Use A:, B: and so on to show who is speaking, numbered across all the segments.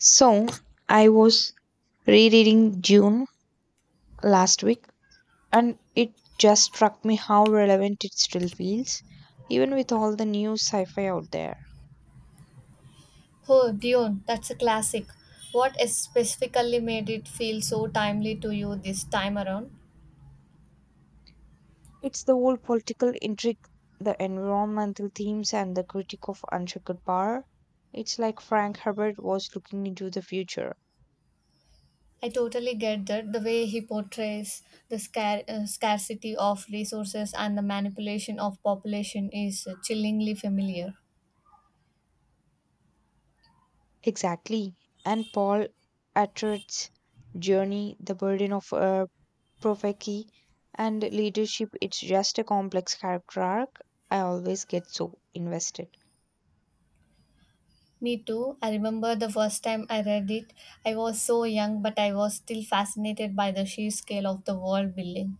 A: So I was rereading June last week, and it just struck me how relevant it still feels, even with all the new sci fi out there.
B: Oh, Dune, that's a classic. What specifically made it feel so timely to you this time around?
A: It's the whole political intrigue, the environmental themes, and the critique of unchecked power. It's like Frank Herbert was looking into the future.
B: I totally get that the way he portrays the scarcity of resources and the manipulation of population is chillingly familiar.
A: Exactly. And Paul Atreides' journey, the burden of Profeki and leadership, it's just a complex character arc. I always get so invested.
B: Me too. I remember the first time I read it. I was so young, but I was still fascinated by the sheer scale of the world building.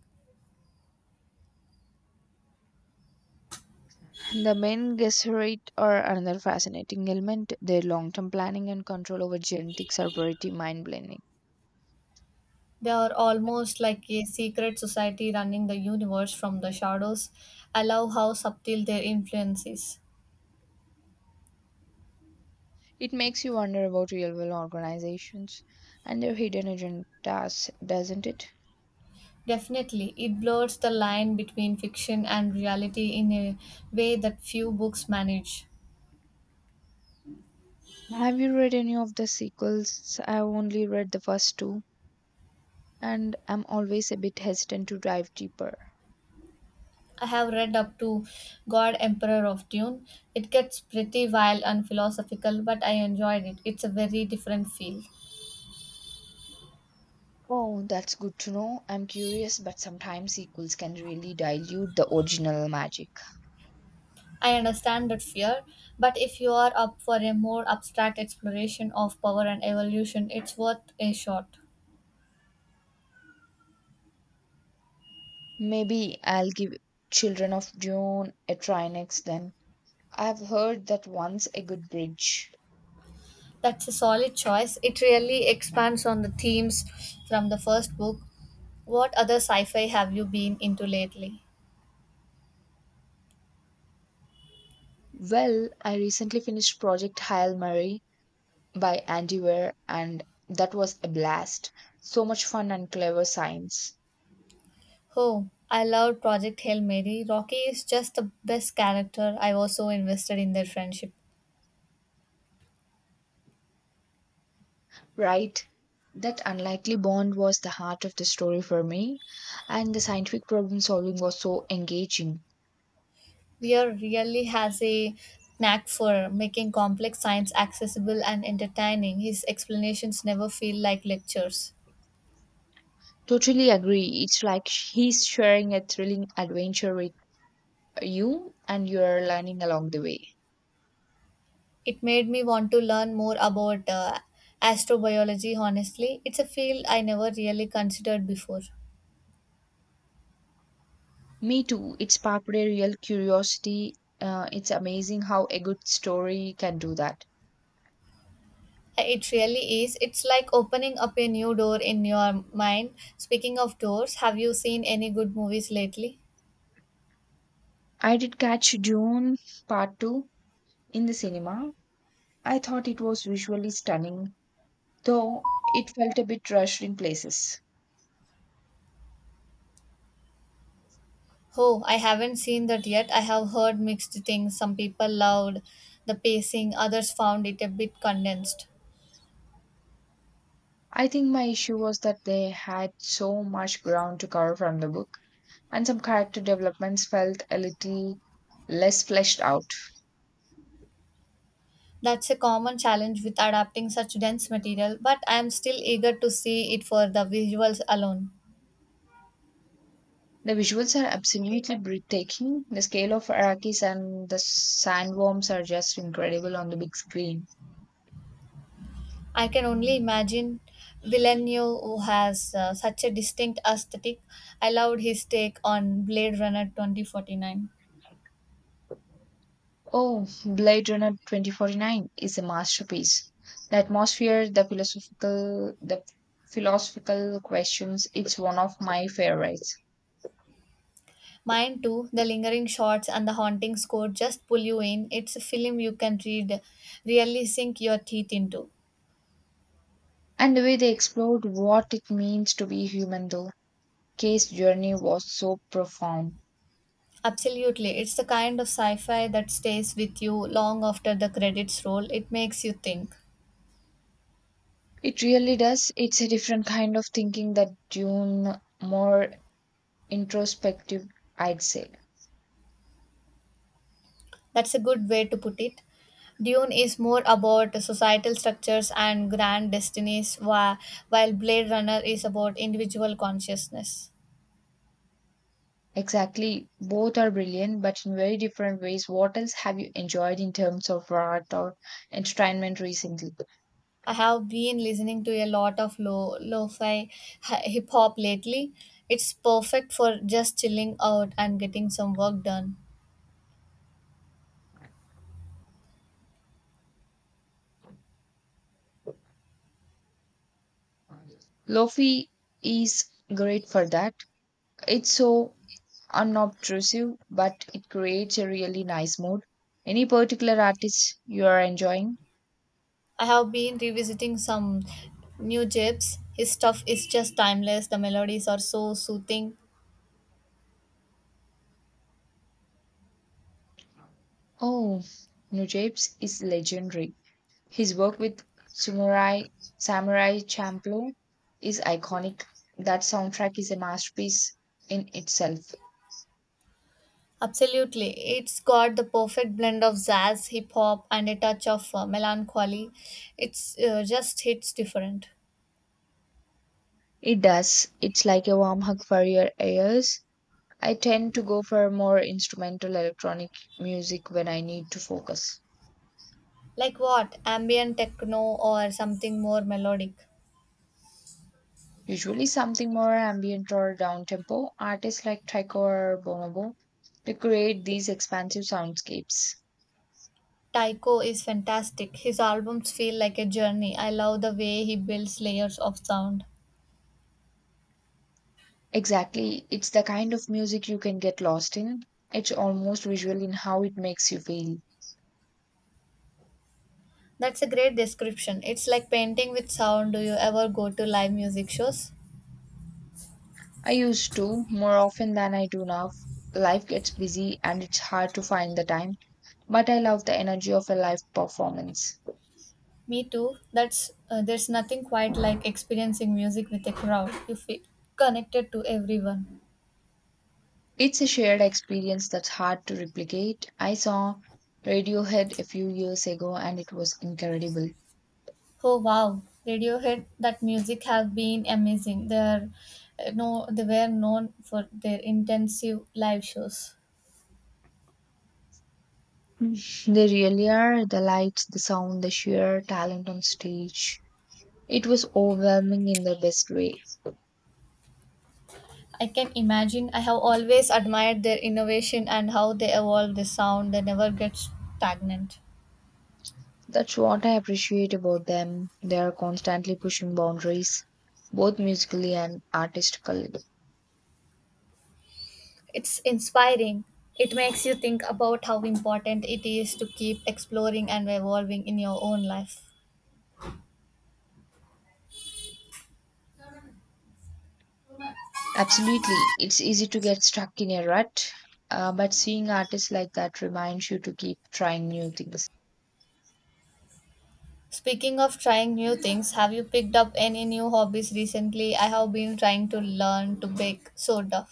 A: And The main Gesserit are another fascinating element. Their long term planning and control over genetics are pretty mind blowing.
B: They are almost like a secret society running the universe from the shadows. I love how subtle their influence is.
A: It makes you wonder about real world organizations and their hidden agendas, doesn't it?
B: Definitely, it blurs the line between fiction and reality in a way that few books manage.
A: Have you read any of the sequels? I only read the first two, and I'm always a bit hesitant to dive deeper.
B: I have read up to God Emperor of Dune. It gets pretty wild and philosophical, but I enjoyed it. It's a very different feel.
A: Oh, that's good to know. I'm curious, but sometimes sequels can really dilute the original magic.
B: I understand that fear, but if you are up for a more abstract exploration of power and evolution, it's worth a shot.
A: Maybe I'll give Children of Dune a try next then. I've heard that one's a good bridge.
B: That's a solid choice. It really expands on the themes from the first book. What other sci fi have you been into lately?
A: Well, I recently finished Project Hail Mary by Andy Weir, and that was a blast. So much fun and clever science.
B: Oh, I loved Project Hail Mary. Rocky is just the best character. I was so invested in their friendship.
A: Right. That unlikely bond was the heart of the story for me, and the scientific problem solving was so engaging.
B: Weir really has a knack for making complex science accessible and entertaining. His explanations never feel like lectures.
A: Totally agree. It's like he's sharing a thrilling adventure with you, and you're learning along the way.
B: It made me want to learn more about astrobiology, honestly. It's a field I never really considered before.
A: Me too. It sparked a real curiosity. It's amazing how a good story can do that.
B: It really is. It's like opening up a new door in your mind. Speaking of doors, have you seen any good movies lately?
A: I did catch June Part 2 in the cinema. I thought it was visually stunning, though it felt a bit rushed in places.
B: Oh, I haven't seen that yet. I have heard mixed things. Some people loved the pacing, others found it a bit condensed.
A: I think my issue was that they had so much ground to cover from the book, and some character developments felt a little less fleshed out.
B: That's a common challenge with adapting such dense material, but I am still eager to see it for the visuals alone.
A: The visuals are absolutely breathtaking. The scale of Arrakis and the sandworms are just incredible on the big screen.
B: I can only imagine Villeneuve, who has such a distinct aesthetic. I loved his take on Blade Runner 2049.
A: Oh, Blade Runner 2049 is a masterpiece. The atmosphere, the philosophical questions, it's one of my favorites.
B: Mine too, the lingering shots and the haunting score just pull you in. It's a film you can read, really sink your teeth into.
A: And the way they explored what it means to be human, though. Case journey was so profound.
B: Absolutely, it's the kind of sci fi that stays with you long after the credits roll. It makes you think.
A: It really does. It's a different kind of thinking that Dune, more introspective, I'd say.
B: That's a good way to put it. Dune is more about societal structures and grand destinies, while Blade Runner is about individual consciousness.
A: Exactly. Both are brilliant, but in very different ways. What else have you enjoyed in terms of art or entertainment recently?
B: I have been listening to a lot of lo-fi hip hop lately. It's perfect for just chilling out and getting some work done.
A: Lofi is great for that. It's so unobtrusive, but it creates a really nice mood. Any particular artist you are enjoying?
B: I have been revisiting some new gyps. His stuff is just timeless. The melodies are so soothing.
A: Oh, Nujabes is legendary. His work with Samurai Samurai Champloo is iconic. That soundtrack is a masterpiece in itself.
B: Absolutely. It's got the perfect blend of jazz, hip hop, and a touch of melancholy. It's just hits different.
A: It does. It's like a warm hug for your ears. I tend to go for more instrumental electronic music when I need to focus.
B: Like what? Ambient techno or something more melodic.
A: Usually something more ambient or down tempo. Artists like Tycho or Bonobo to create these expansive soundscapes.
B: Taiko is fantastic. His albums feel like a journey. I love the way he builds layers of sound.
A: Exactly. It's the kind of music you can get lost in. It's almost visual in how it makes you feel.
B: That's a great description. It's like painting with sound. Do you ever go to live music shows?
A: I used to, more often than I do now. Life gets busy and it's hard to find the time, but I love the energy of a live performance.
B: Me too. That's There's nothing quite like experiencing music with a crowd. You feel connected to everyone.
A: It's a shared experience that's hard to replicate. I saw Radiohead a few years ago and it was incredible.
B: Oh wow, Radiohead! That music have been amazing. They're no, They were known for their intensive live shows.
A: Mm. They really are the lights, the sound, the sheer talent on stage. It was overwhelming in the best way.
B: I can imagine. I have always admired their innovation and how they evolve the sound. They never get stagnant.
A: That's what I appreciate about them. They are constantly pushing boundaries, both musically and artistically.
B: It's inspiring. It makes you think about how important it is to keep exploring and evolving in your own life.
A: Absolutely. It's easy to get stuck in a rut, but seeing artists like that reminds you to keep trying new things.
B: Speaking of trying new things, have you picked up any new hobbies recently? I have been trying to learn to bake soda.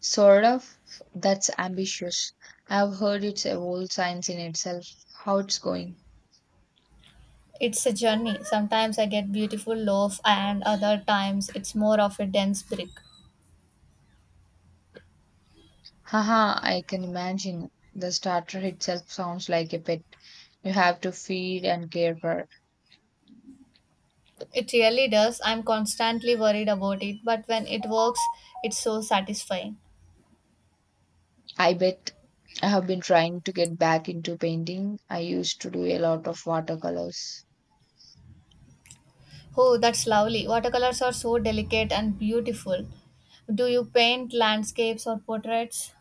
A: Sort of. That's ambitious. I've heard it's a whole science in itself. How it's going.
B: It's a journey. Sometimes I get beautiful loaf and other times it's more of a dense brick.
A: Haha, I can imagine. The starter itself sounds like a pet you have to feed and care for.
B: It really does. I'm constantly worried about it, but when it works, it's so satisfying.
A: I bet I have been trying to get back into painting. I used to do a lot of watercolors,
B: Oh, that's lovely. Watercolors are so delicate and beautiful. Do you paint landscapes or portraits?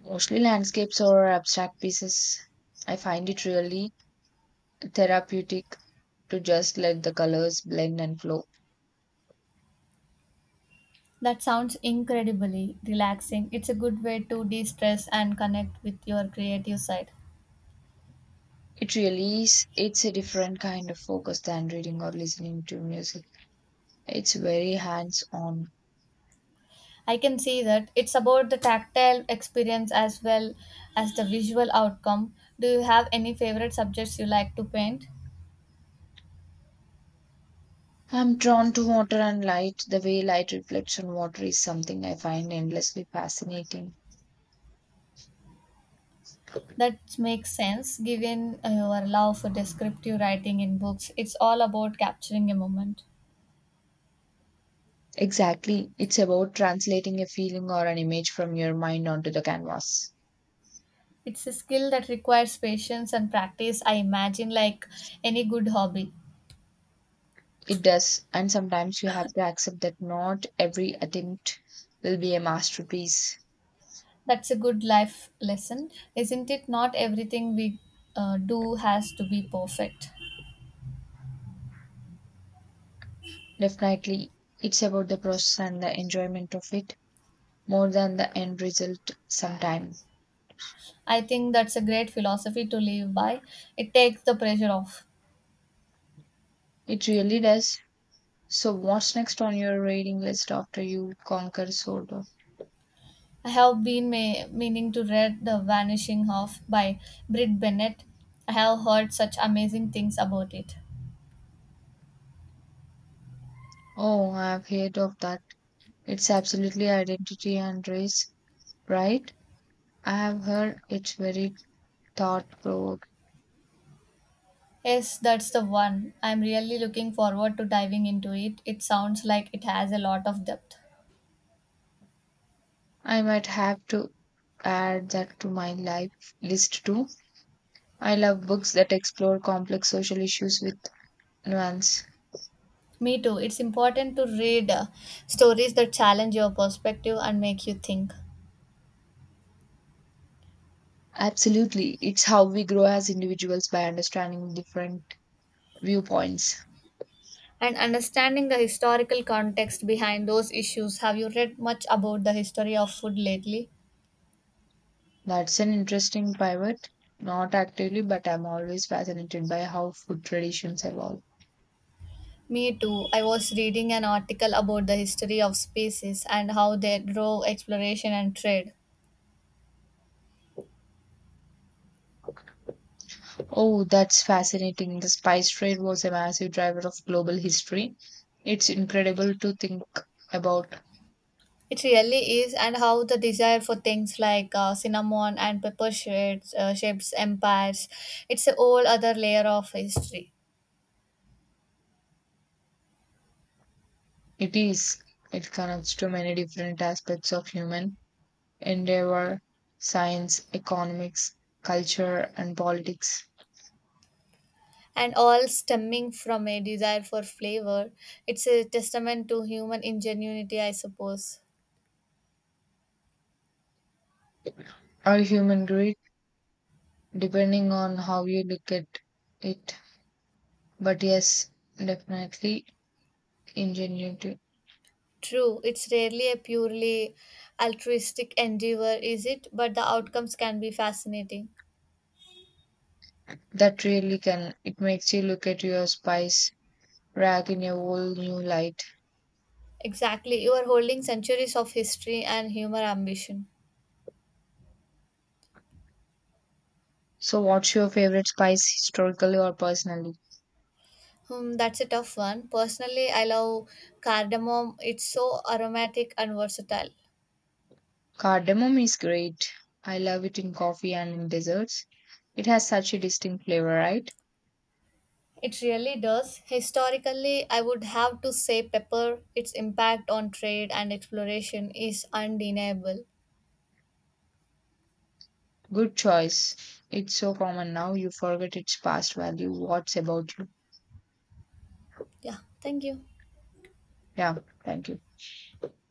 A: mostly landscapes or abstract pieces. I find it really therapeutic to just let the colors blend and flow.
B: That sounds incredibly relaxing. It's a good way to de stress and connect with your creative side.
A: It really is, it's a different kind of focus than reading or listening to music. It's very hands on.
B: I can see that it's about the tactile experience as well as the visual outcome. Do you have any favorite subjects you like to paint?
A: I'm drawn to water and light. The way light reflects on water is something I find endlessly fascinating.
B: That makes sense given your love for descriptive writing in books. It's all about capturing a moment.
A: Exactly. It's about translating a feeling or an image from your mind onto the canvas.
B: It's a skill that requires patience and practice, I imagine, like any good hobby.
A: It does, and sometimes you have to accept that not every attempt will be a masterpiece.
B: That's a good life lesson, isn't it? Not everything we do has to be perfect.
A: Definitely, it's about the process and the enjoyment of it more than the end result sometime.
B: I think that's a great philosophy to live by. It takes the pressure off.
A: It really does. So, what's next on your reading list after you conquer Solo?
B: I have been meaning to read The Vanishing Half by Britt Bennett. I have heard such amazing things about it.
A: Oh, I've heard of that. It's absolutely identity and race, right? I have heard it's very thought provoke.
B: Yes, that's the one. I'm really looking forward to diving into it. It sounds like it has a lot of depth.
A: I might have to add that to my life list too. I love books that explore complex social issues with nuance.
B: Me too. It's important to read stories that challenge your perspective and make you think.
A: Absolutely. It's how we grow as individuals by understanding different viewpoints.
B: And understanding the historical context behind those issues. Have you read much about the history of food lately?
A: That's an interesting pivot. Not actively, but I'm always fascinated by how food traditions evolve.
B: Me too. I was reading an article about the history of species and how they drove exploration and trade.
A: Oh, that's fascinating. The spice trade was a massive driver of global history. It's incredible to think about.
B: It really is, and how the desire for things like cinnamon and pepper shades, shapes empires. It's a whole other layer of history.
A: It is. It connects to many different aspects of human endeavor, science, economics, culture, and politics,
B: And all stemming from a desire for flavor. It's a testament to human ingenuity, I suppose.
A: or human greed, depending on how you look at it. But yes, definitely ingenuity.
B: True, it's rarely a purely altruistic endeavor, is it? But the outcomes can be fascinating.
A: That really can. It makes you look at your spice rack in a whole new light.
B: Exactly, you are holding centuries of history and human ambition.
A: So, what's your favorite spice, historically or personally?
B: Hmm, that's a tough one. Personally, I love cardamom. It's so aromatic and versatile.
A: Cardamom is great. I love it in coffee and in desserts. It has such a distinct flavor, right?
B: It really does. Historically, I would have to say pepper. Its impact on trade and exploration is undeniable.
A: Good choice. It's so common now, you forget its past value. What's about you?
B: Yeah, thank you.
A: Yeah, thank you.